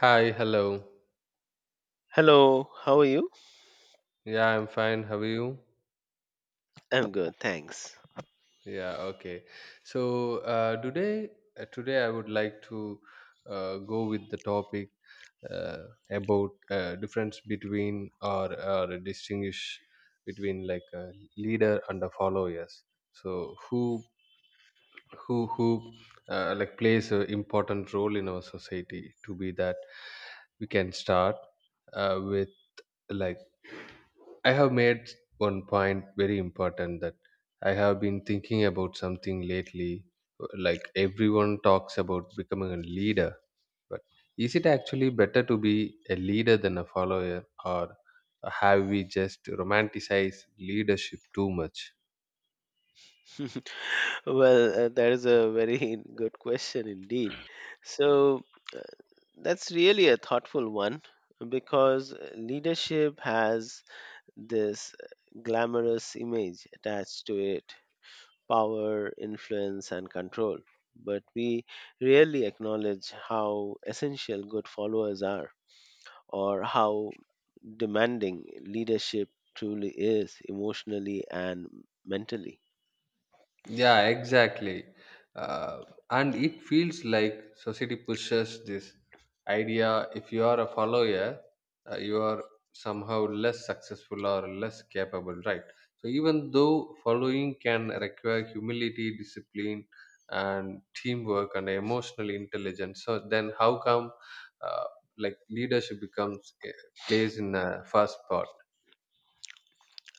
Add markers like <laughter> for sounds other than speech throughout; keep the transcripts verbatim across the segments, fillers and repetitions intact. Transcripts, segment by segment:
Hi, hello. Hello, how are you? Yeah, I'm fine. How are you? I'm good, thanks. Yeah, okay. So uh, today, uh, today I would like to uh, go with the topic uh, about uh, difference between or or distinguish between like a leader and the followers. So who who who uh, like plays an important role in our society? To be that, we can start uh, with like I have made one point very important that I have been thinking about something lately. Like everyone talks about becoming a leader, but is it actually better to be a leader than a follower, or have we just romanticized leadership too much? <laughs> Well, uh, that is a very <laughs> good question indeed. So, uh, that's really a thoughtful one because uh, leadership has this uh, glamorous image attached to it power, influence, and control. But we rarely acknowledge how essential good followers are. Or how demanding leadership truly is emotionally and mentally. Yeah, exactly. Uh, and it feels like society pushes this idea if you are a follower, uh, you are somehow less successful or less capable, right? So, even though following can require humility, discipline, and teamwork and emotional intelligence, so then how come uh, like leadership becomes uh, plays in a first spot?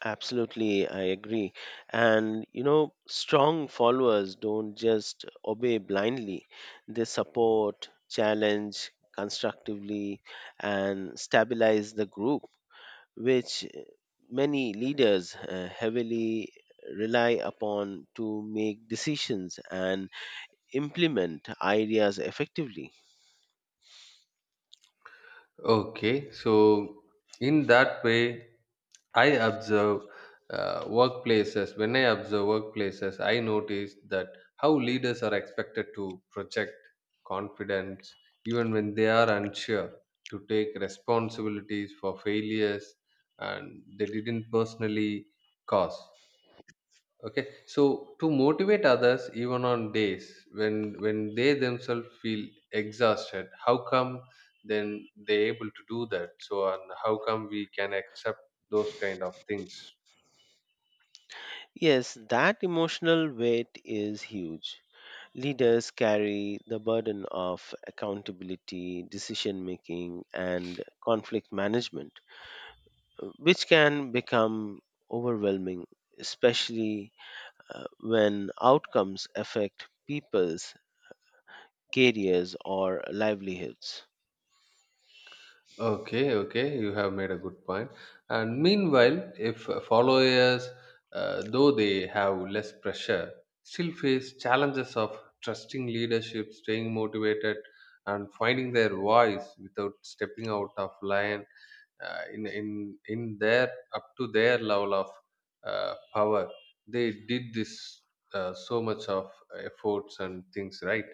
Absolutely, I agree. And you know, strong followers don't just obey blindly, they support, challenge constructively, and stabilize the group, which uh, many leaders uh, heavily rely upon to make decisions and implement ideas effectively. Okay, so in that way, I observe uh, workplaces. When I observe workplaces, I notice that how leaders are expected to project confidence even when they are unsure, to take responsibilities for failures and they didn't personally cause. Okay, so to motivate others, even on days when when they themselves feel exhausted, how come then they able to do that? So, and how come we can accept those kind of things? Yes, that emotional weight is huge. Leaders carry the burden of accountability, decision making, and conflict management, uh, which can become overwhelming, especially uh, when outcomes affect people's careers or livelihoods. Okay, okay, you have made a good point. And meanwhile, if followers, uh, though they have less pressure, still face challenges of trusting leadership, staying motivated, and finding their voice without stepping out of line uh, in in in their up to their level of uh, power they did this uh, so much of efforts and things right.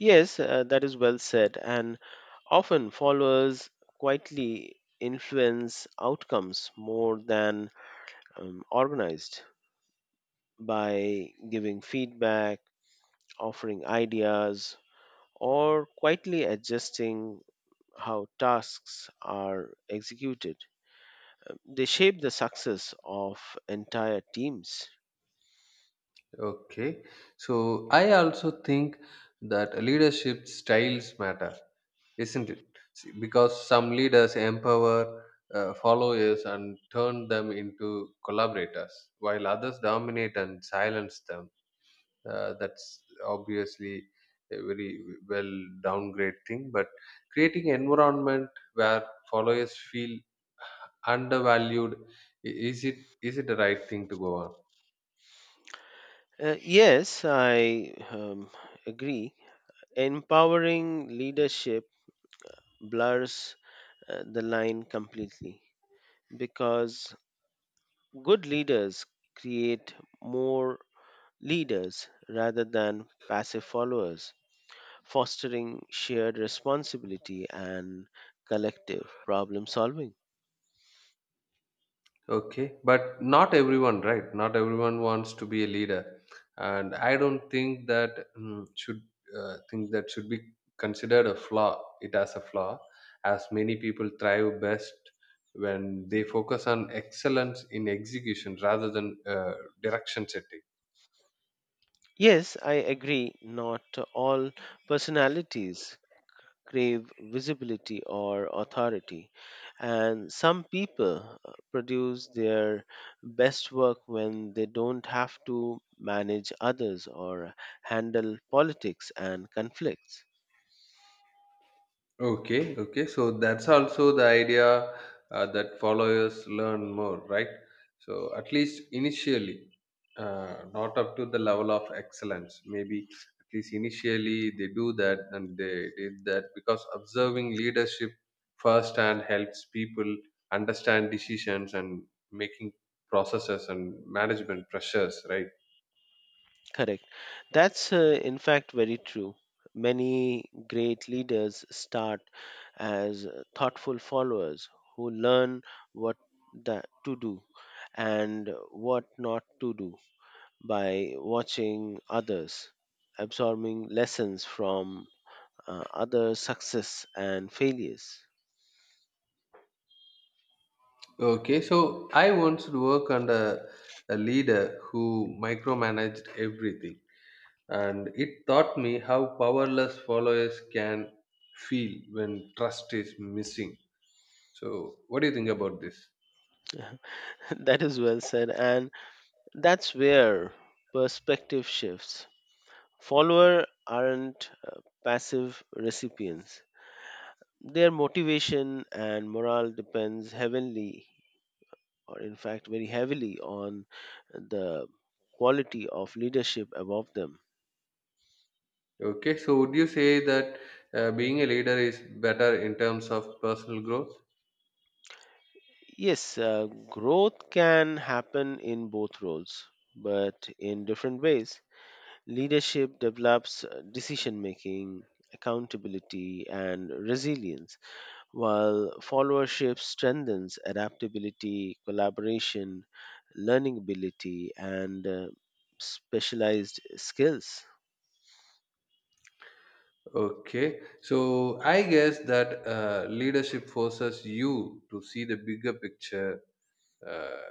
Yes, uh, that is well said, and often followers quietly influence outcomes more than um, organized by giving feedback, offering ideas, or quietly adjusting how tasks are executed. They shape the success of entire teams. Okay, so I also think that leadership styles matter, isn't it? See, because some leaders empower uh, followers and turn them into collaborators while others dominate and silence them, uh, that's obviously a very, well, downgrade thing but creating environment where followers feel undervalued, i- is it is it the right thing to go on? Uh, yes, I um, agree. Empowering leadership blurs uh, the line completely because good leaders create more leaders rather than passive followers fostering shared responsibility and collective problem solving. Okay, but not everyone, right? Not everyone wants to be a leader, and I don't think that mm, should uh, think that should be considered a flaw. It has a flaw, as many people thrive best when they focus on excellence in execution rather than uh, direction setting. Yes, I agree, not all personalities crave visibility or authority, and some people uh, produce their best work when they don't have to manage others or handle politics and conflicts. Okay, okay. So that's also the idea uh, that followers learn more, right? So at least initially, uh, not up to the level of excellence. Maybe at least initially they do that and they did that because observing leadership firsthand helps people understand decisions and making processes and management pressures, right? Correct. That's uh, in fact very true. Many great leaders start as uh, thoughtful followers who learn what that to do and what not to do by watching others, absorbing lessons from uh, other success and failures. Okay, so I once worked under a leader who micromanaged everything and it taught me how powerless followers can feel when trust is missing, so what do you think about this? <laughs> That is well said, and that's where perspective shifts. Follower aren't uh, passive recipients. Their motivation and morale depends heavily, or in fact, very heavily, on the quality of leadership above them. Okay, so would you say that uh, being a leader is better in terms of personal growth? Yes, uh, growth can happen in both roles, but in different ways. Leadership develops decision making, accountability, and resilience. While followership strengthens adaptability, collaboration, learning ability, and uh, specialized skills. Okay, so I guess that uh, leadership forces you to see the bigger picture, uh,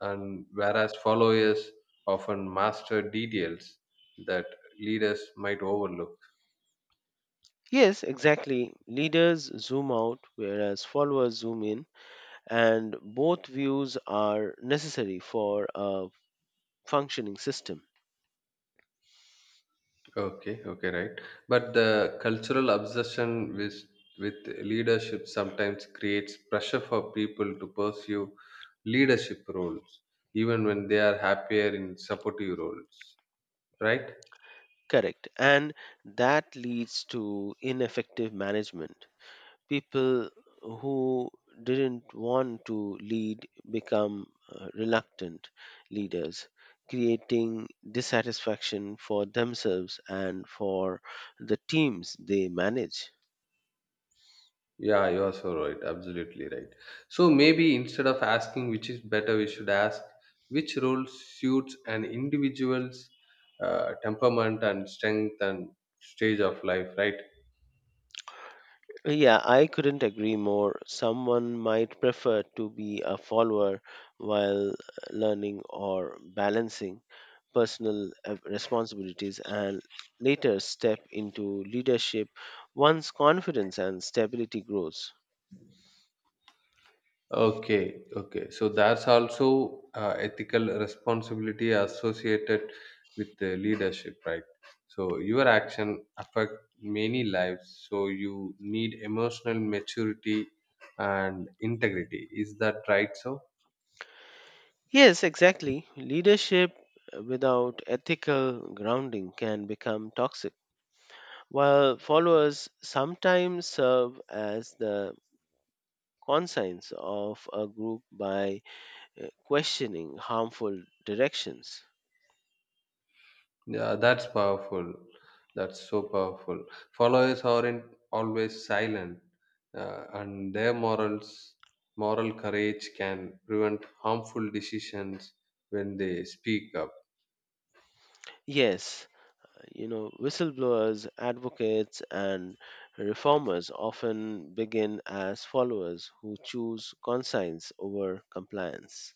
and whereas followers often master details that leaders might overlook. Yes, exactly. Leaders zoom out, whereas followers zoom in, and both views are necessary for a functioning system. Okay, okay, right. But the cultural obsession with with leadership sometimes creates pressure for people to pursue leadership roles, even when they are happier in supportive roles, right? Correct. And that leads to ineffective management. People who didn't want to lead become uh, reluctant leaders, creating dissatisfaction for themselves and for the teams they manage. Yeah, you are so right. Absolutely right. So maybe instead of asking which is better, we should ask which role suits an individual's uh, temperament and strength and stage of life, right? Yeah, I couldn't agree more. Someone might prefer to be a follower while learning or balancing personal uh, responsibilities and later step into leadership once confidence and stability grows. Okay, okay. So that's also uh, ethical responsibility associated with the leadership, right? So your action affect many lives. So you need emotional maturity and integrity. Is that right? So Yes, exactly. Leadership without ethical grounding can become toxic, while followers sometimes serve as the conscience of a group by uh, questioning harmful directions. yeah, that's powerful. That's so powerful. Followers aren't always silent, uh, and their morals, moral courage can prevent harmful decisions when they speak up. Yes, you know, whistleblowers, advocates, and reformers often begin as followers who choose conscience over compliance.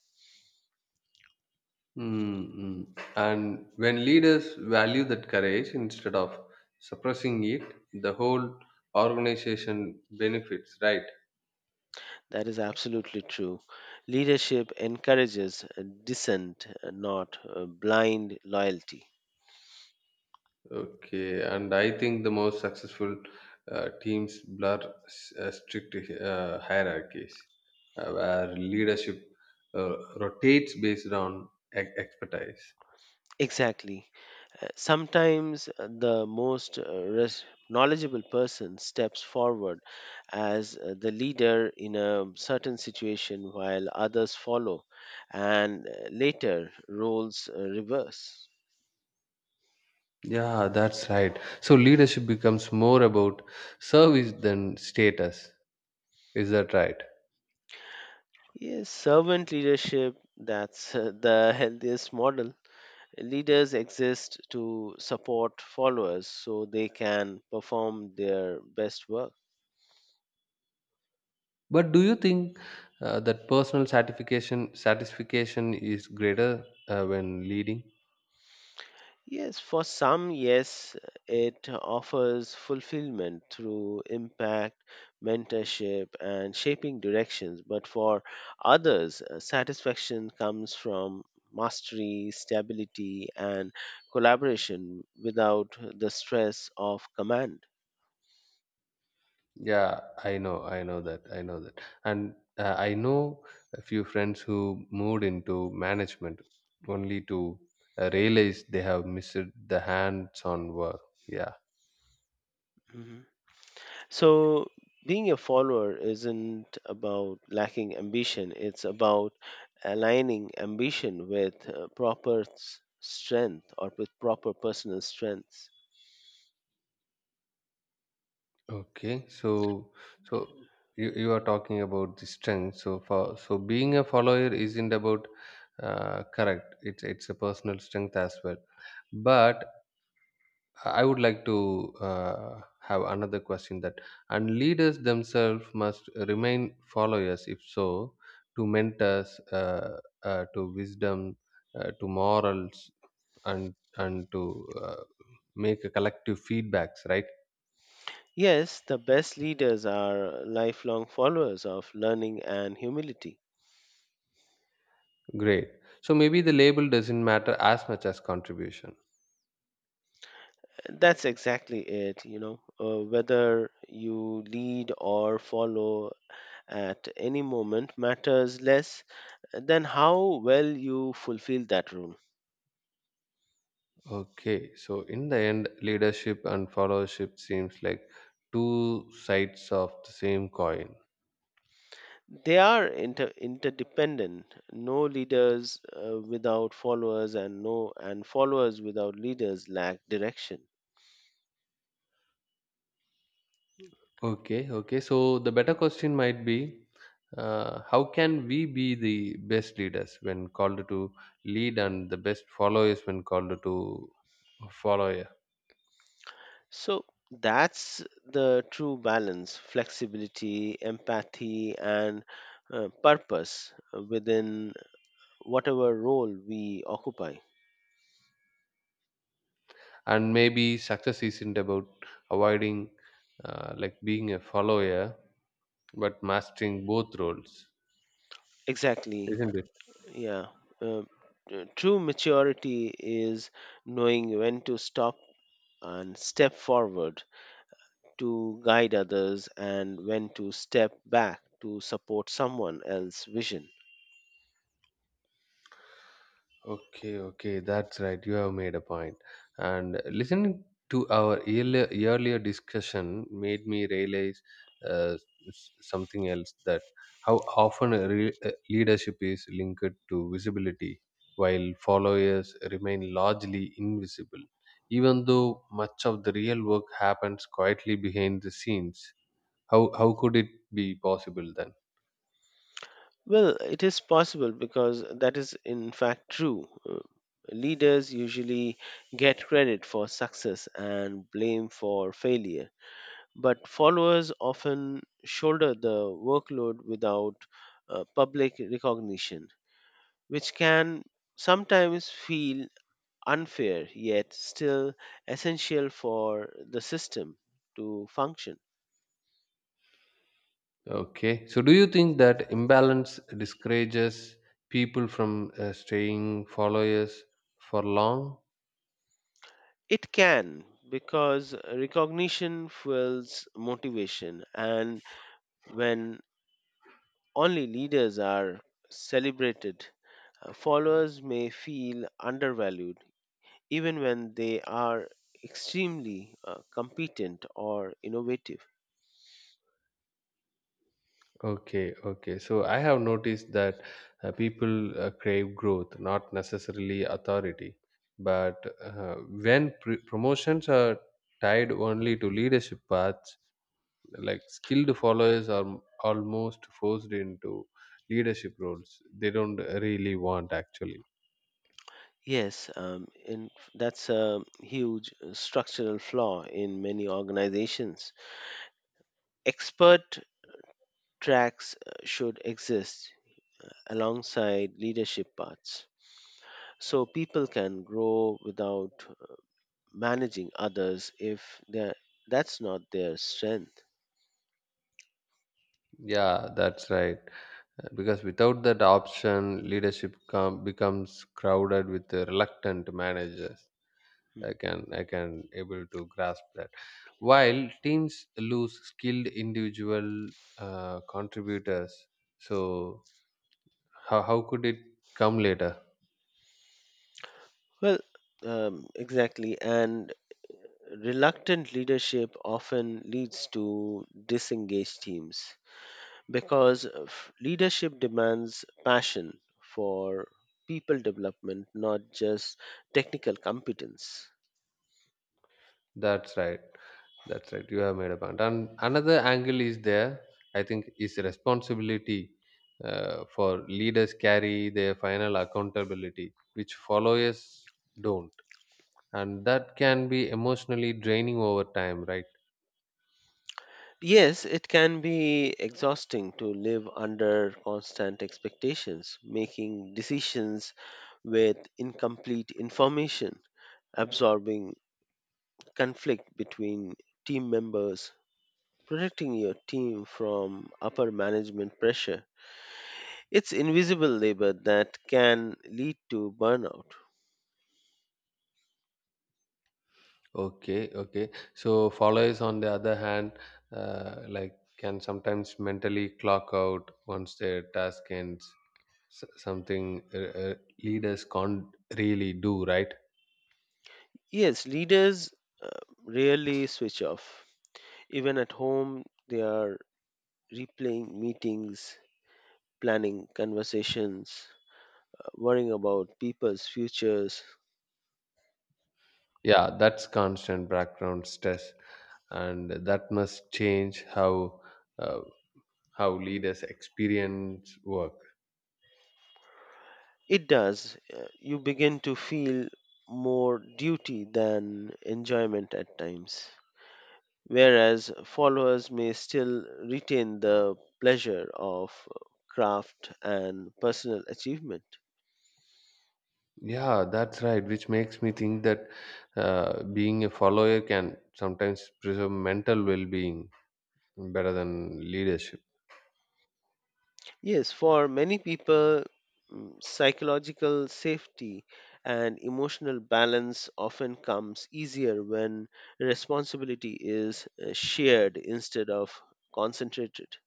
Mm-mm. And when leaders value that courage instead of suppressing it, the whole organization benefits, right? That is absolutely true. Leadership encourages uh, dissent, uh, not uh, blind loyalty. Okay, and I think the most successful uh, teams blur s- uh, strict uh, hierarchies uh, where leadership uh, rotates based on e- expertise. Exactly. Uh, Sometimes uh, the most uh, res- knowledgeable person steps forward as uh, the leader in a certain situation while others follow, and uh, later roles uh, reverse. Yeah, that's right. So leadership becomes more about service than status. Is that right? Yes, servant leadership, that's uh, the <laughs> healthiest model. Leaders exist to support followers so they can perform their best work. But do you think uh, that personal satisfaction satisfaction is greater uh, when leading? Yes, for some, yes, it offers fulfillment through impact, mentorship, and shaping directions. But for others, uh, satisfaction comes from mastery, stability, and collaboration without the stress of command. Yeah, I know, I know that, I know that, and uh, I know a few friends who moved into management only to uh, realize they have missed the hands-on work. Yeah. Mhm. So, being a follower isn't about lacking ambition, it's about aligning ambition with uh, proper s- strength or with proper personal strengths. Okay. So, so you you are talking about the strength. So for so being a follower isn't about uh, correct. It's it's a personal strength as well, but I would like to uh, have another question that and leaders themselves must remain followers, if so, to mentors, uh, uh, to wisdom, uh, to morals, and and to uh, make a collective feedbacks. Right? Yes, the best leaders are lifelong followers of learning and humility. Great. So maybe the label doesn't matter as much as contribution. That's exactly it, you know. Uh, whether you lead or follow, at any moment matters less than how well you fulfill that role. Okay. So in the end, leadership and followership seems like two sides of the same coin. They are inter- interdependent. No leaders uh, without followers, and no and followers without leaders lack direction. Okay, okay. So the better question might be, uh, how can we be the best leaders when called to lead, and the best followers when called to follow? Yeah? So that's the true balance: flexibility, empathy, and uh, purpose within whatever role we occupy. And maybe success isn't about avoiding, uh, like being a follower, but mastering both roles, Exactly. isn't it? Yeah. Uh, uh, True maturity is knowing when to stop and step forward to guide others and when to step back to support someone else's vision. Okay, okay, that's right. You have made a point. And listening to our earlier, earlier discussion made me realize uh, s- something else that how often a re- uh, leadership is linked to visibility, while followers remain largely invisible, even though much of the real work happens quietly behind the scenes. How, how could it be possible then? Well, it is possible because that is in fact true. Uh, Leaders usually get credit for success and blame for failure, but followers often shoulder the workload without uh, public recognition which can sometimes feel unfair yet still essential for the system to function. Okay. So, do you think that imbalance discourages people from uh, staying followers for long? It can because recognition fuels motivation, and when only leaders are celebrated, uh, followers may feel undervalued even when they are extremely uh, competent or innovative. Okay, okay. So, I have noticed that uh, people uh, crave growth, not necessarily authority. But uh, when pr- promotions are tied only to leadership paths, like skilled followers are m- almost forced into leadership roles they don't really want actually. Yes, um, and that's a huge uh, structural flaw in many organizations. Expert tracks uh, should exist alongside leadership paths so people can grow without managing others if they're- that's not their strength. Yeah, that's right. Uh, Because without that option, leadership com- becomes crowded with the reluctant managers. Mm. I can I can able to grasp that. While teams lose skilled individual uh, contributors, so how how could it come later? Well, um, exactly. And reluctant leadership often leads to disengaged teams because f- leadership demands passion for people development, not just technical competence. That's right. That's right. You have made a point. And another angle is there, I think, is responsibility uh, for leaders carry their final accountability, which followers don't. And that can be emotionally draining over time, right? Yes, it can be exhausting to live under constant expectations, making decisions with incomplete information, absorbing conflict between team members, protecting your team from upper management pressure. It's invisible labor that can lead to burnout. Okay, okay. So followers, on the other hand, uh, like can sometimes mentally clock out once their task ends. S- something uh, uh, leaders can't really do, right? Yes, leaders uh, rarely switch off. Even at home, they are replaying meetings, planning conversations, uh, worrying about people's futures. Yeah, that's constant background stress and that must change how uh, how leaders experience work. It does. uh, You begin to feel more duty than enjoyment at times. Whereas followers may still retain the pleasure of uh, craft and personal achievement. Yeah, that's right, which makes me think that uh, being a follower can sometimes preserve mental well-being better than leadership. Yes, for many people, mm, psychological safety and emotional balance often comes easier when responsibility is uh, shared instead of concentrated.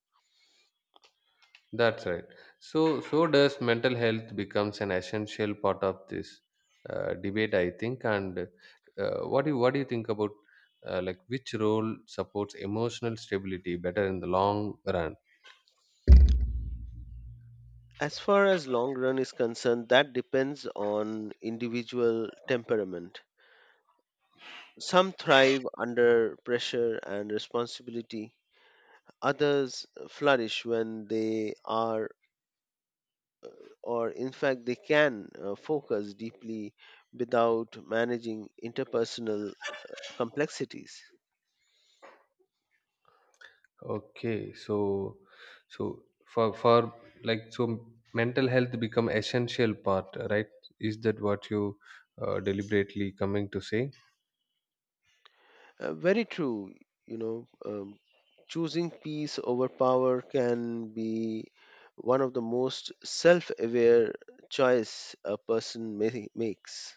That's right. So so does mental health becomes an essential part of this uh, debate, I think, and uh, what do you what do you think about uh, like which role supports emotional stability better in the long run? As far as long run is concerned, that depends on individual temperament. Some thrive under pressure and responsibility. Others flourish when they are or in fact they can uh, focus deeply without managing interpersonal complexities. Okay, so so for for like so mental health become essential part, right? Is that what you uh, deliberately coming to say? Uh, very true, you know, um, choosing peace over power can be one of the most self-aware choice a person ma- makes.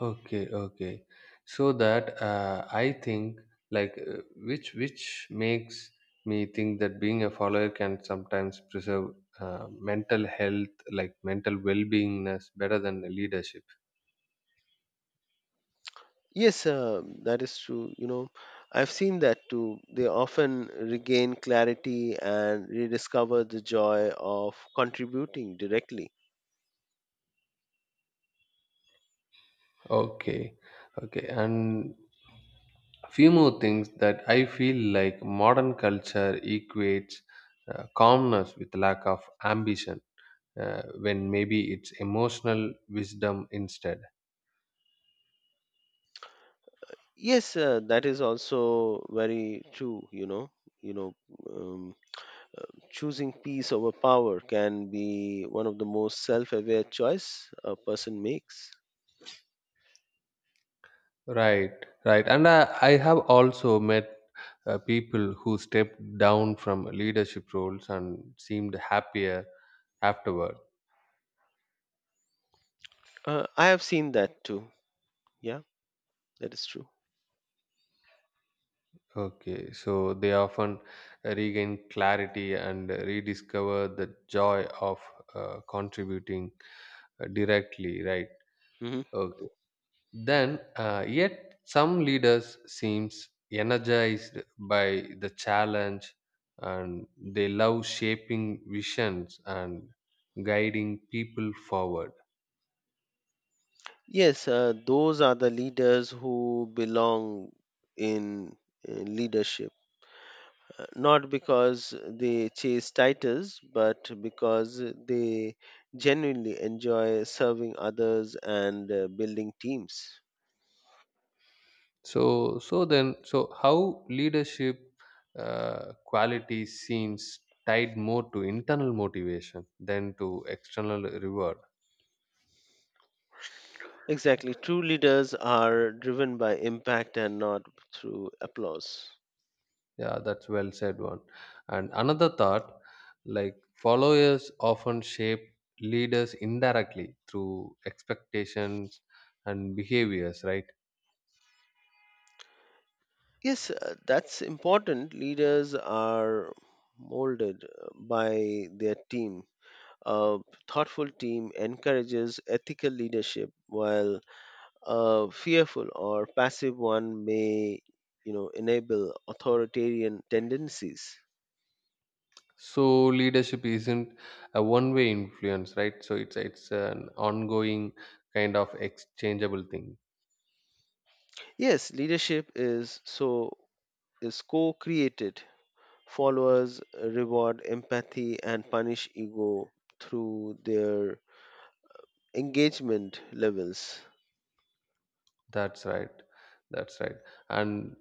Okay, okay. So that uh, I think like uh, which which makes me think that being a follower can sometimes preserve uh, mental health, like mental well-beingness, better than the leadership. Yes um, that is true, you know, I've seen that too. They often regain clarity and rediscover the joy of contributing directly. Okay, okay, and few more things that I feel like modern culture equates uh, calmness with lack of ambition, uh, when maybe it's emotional wisdom instead. Yes, uh, that is also very true. You know, you know, um, choosing peace over power can be one of the most self-aware choice a person makes. Right, right. And I, I have also met uh, people who stepped down from leadership roles and seemed happier afterward. Uh, I have seen that too. Yeah, that is true. Okay, so they often regain clarity and rediscover the joy of uh, contributing uh, directly, right? Hmm. Okay. Then, uh, yet some leaders seems energized by the challenge, and they love shaping visions and guiding people forward. Yes, uh, those are the leaders who belong in uh, leadership, uh, not because they chase titles, but because they genuinely enjoy serving others and uh, building teams. So, so then, so how leadership uh, quality seems tied more to internal motivation than to external reward. Exactly. True leaders are driven by impact and not through applause. Yeah, that's well said one. And another thought, like followers often shape leaders indirectly through expectations and behaviors, right? Yes, uh, that's important. Leaders are molded uh, by their team. A thoughtful team encourages ethical leadership, while a fearful or passive one may, you know, enable authoritarian tendencies. So leadership isn't a one-way influence, right? So it's it's an ongoing kind of exchangeable thing. Yes, leadership is so is co-created. Followers reward empathy and punish ego through their engagement levels. That's right. That's right. And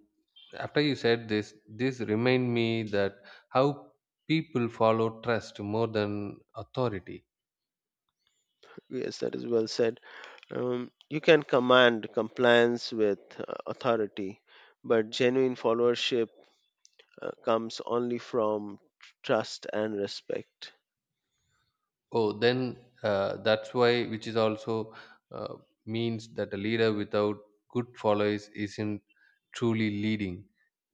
after you said this, this remind me that how people follow trust more than authority. Yes, that is well said. Um, you can command compliance with uh, authority, but genuine followership uh, comes only from trust and respect. Oh, then uh, that's why, which is also uh, means that a leader without good followers isn't truly leading.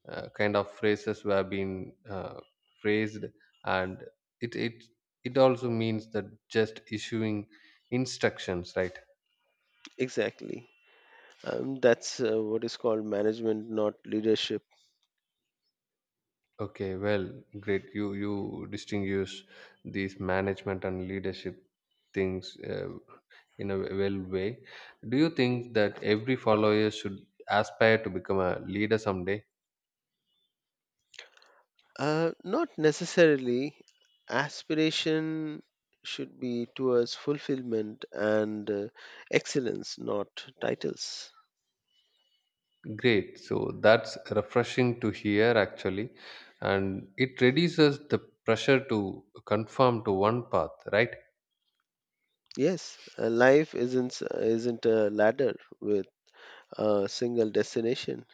Uh, kind of phrases were being uh, phrased, and it it it also means that just issuing instructions, right? Exactly. Um, that's uh, what is called management, not leadership. Okay, well, great. You you distinguish these management and leadership things uh, in a well way. Do you think that every follower should aspire to become a leader someday? Uh, not necessarily. Aspiration should be towards fulfillment and uh, excellence, not titles. Great. So that's refreshing to hear, actually, and it reduces the pressure to conform to one path, right? Yes, uh, life isn't isn't a ladder with a single destination.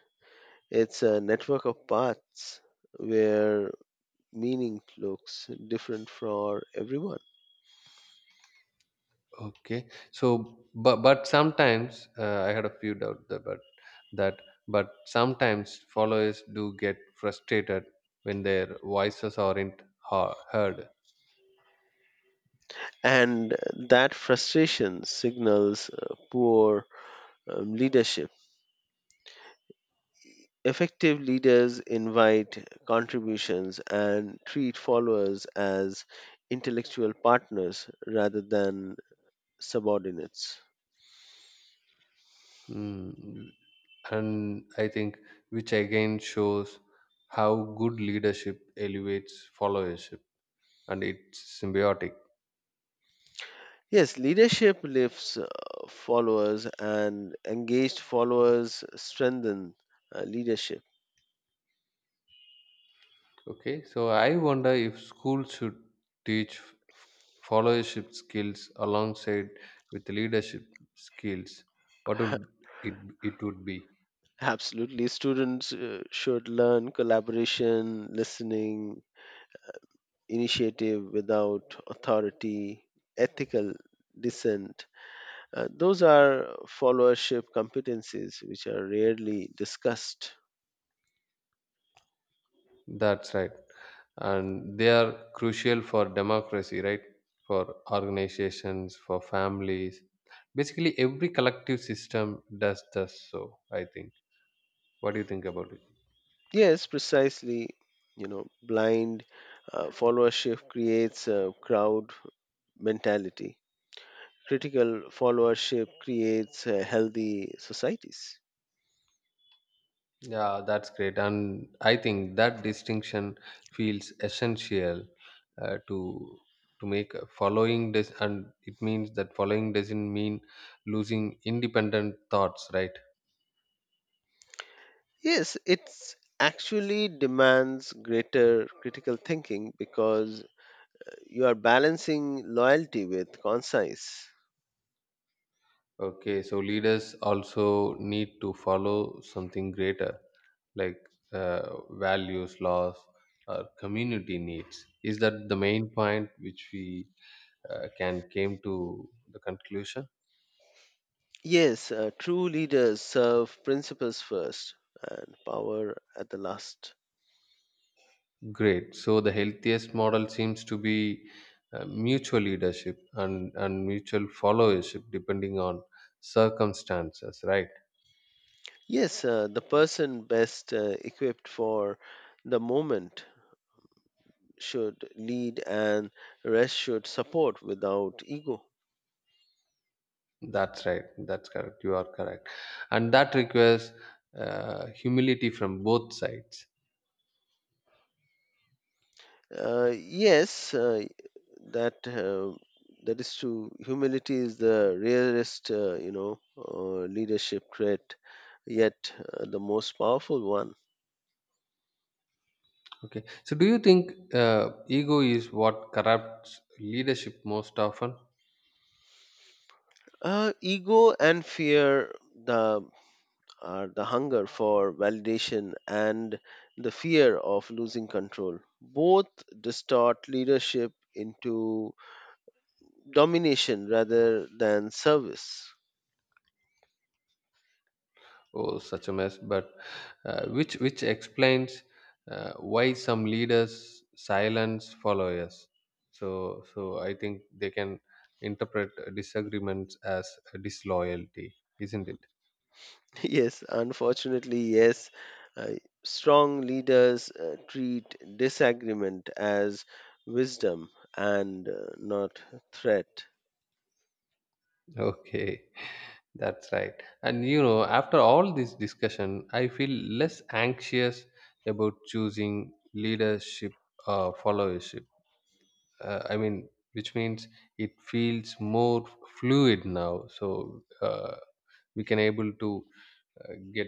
It's a network of paths where meaning looks different for everyone, Okay. So, but but sometimes uh, I had a few doubt that, but that but sometimes followers do get frustrated when their voices aren't ha- heard, and that frustration signals uh, poor um, leadership. Effective leaders invite contributions and treat followers as intellectual partners rather than subordinates. mm. And I think which again shows how good leadership elevates followership, and it's symbiotic. Yes, leadership lifts uh, followers, and engaged followers strengthen uh, leadership. Okay, so I wonder if schools should teach f- followership skills alongside with leadership skills. What would <laughs> it, it would be? Absolutely. Students uh, should learn collaboration, listening, initiative without authority, ethical dissent. Uh, those are followership competencies which are rarely discussed. That's right, and they are crucial for democracy, right? For organizations, for families, basically every collective system does this. So I think. What do you think about it? Yes, precisely. You know, blind uh, followership creates a crowd mentality. Critical followership creates uh, healthy societies. Yeah, that's great. And I think that distinction feels essential uh, to to make a following this and it means that following doesn't mean losing independent thoughts, right? Yes, it's actually demands greater critical thinking because you are balancing loyalty with conscience. Okay, so leaders also need to follow something greater like uh, values, laws, or community needs. Is that the main point which we uh, can came to the conclusion? Yes, uh, true leaders serve principles first and power at the last. Great. So the healthiest model seems to be uh, mutual leadership and, and mutual followership depending on circumstances, right? Yes, uh, the person best uh, equipped for the moment should lead and rest should support without ego. That's right. That's correct. You are correct. And that requires uh, humility from both sides. Uh, yes, uh, that uh, that is true. Humility is the rarest, uh, you know, uh, leadership trait, yet uh, the most powerful one. Okay. So do you think uh, ego is what corrupts leadership most often? Uh, ego and fear, the are the hunger for validation and the fear of losing control. Both distort leadership into domination rather than service. <laughs> Oh, such a mess. But uh, which which explains uh, why some leaders silence followers. So so I think they can interpret disagreements as disloyalty, isn't it? <laughs> Yes, unfortunately, yes. Uh, Strong leaders uh, treat disagreement as wisdom and uh, not threat. Okay, that's right. And you know, after all this discussion, I feel less anxious about choosing leadership or followership. Uh, I mean, which means it feels more fluid now. So. Uh, we can able to uh, get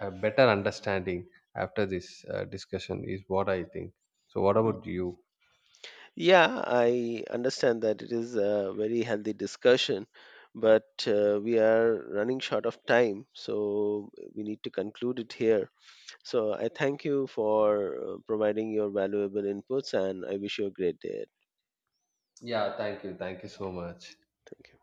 a better understanding after this uh, discussion is what I think, so what about you? Yeah, I understand that it is a very healthy discussion, but uh, we are running short of time, so we need to conclude it here. So I thank you for uh, providing your valuable inputs and I wish you a great day. Yeah, thank you, thank you so much. Thank you.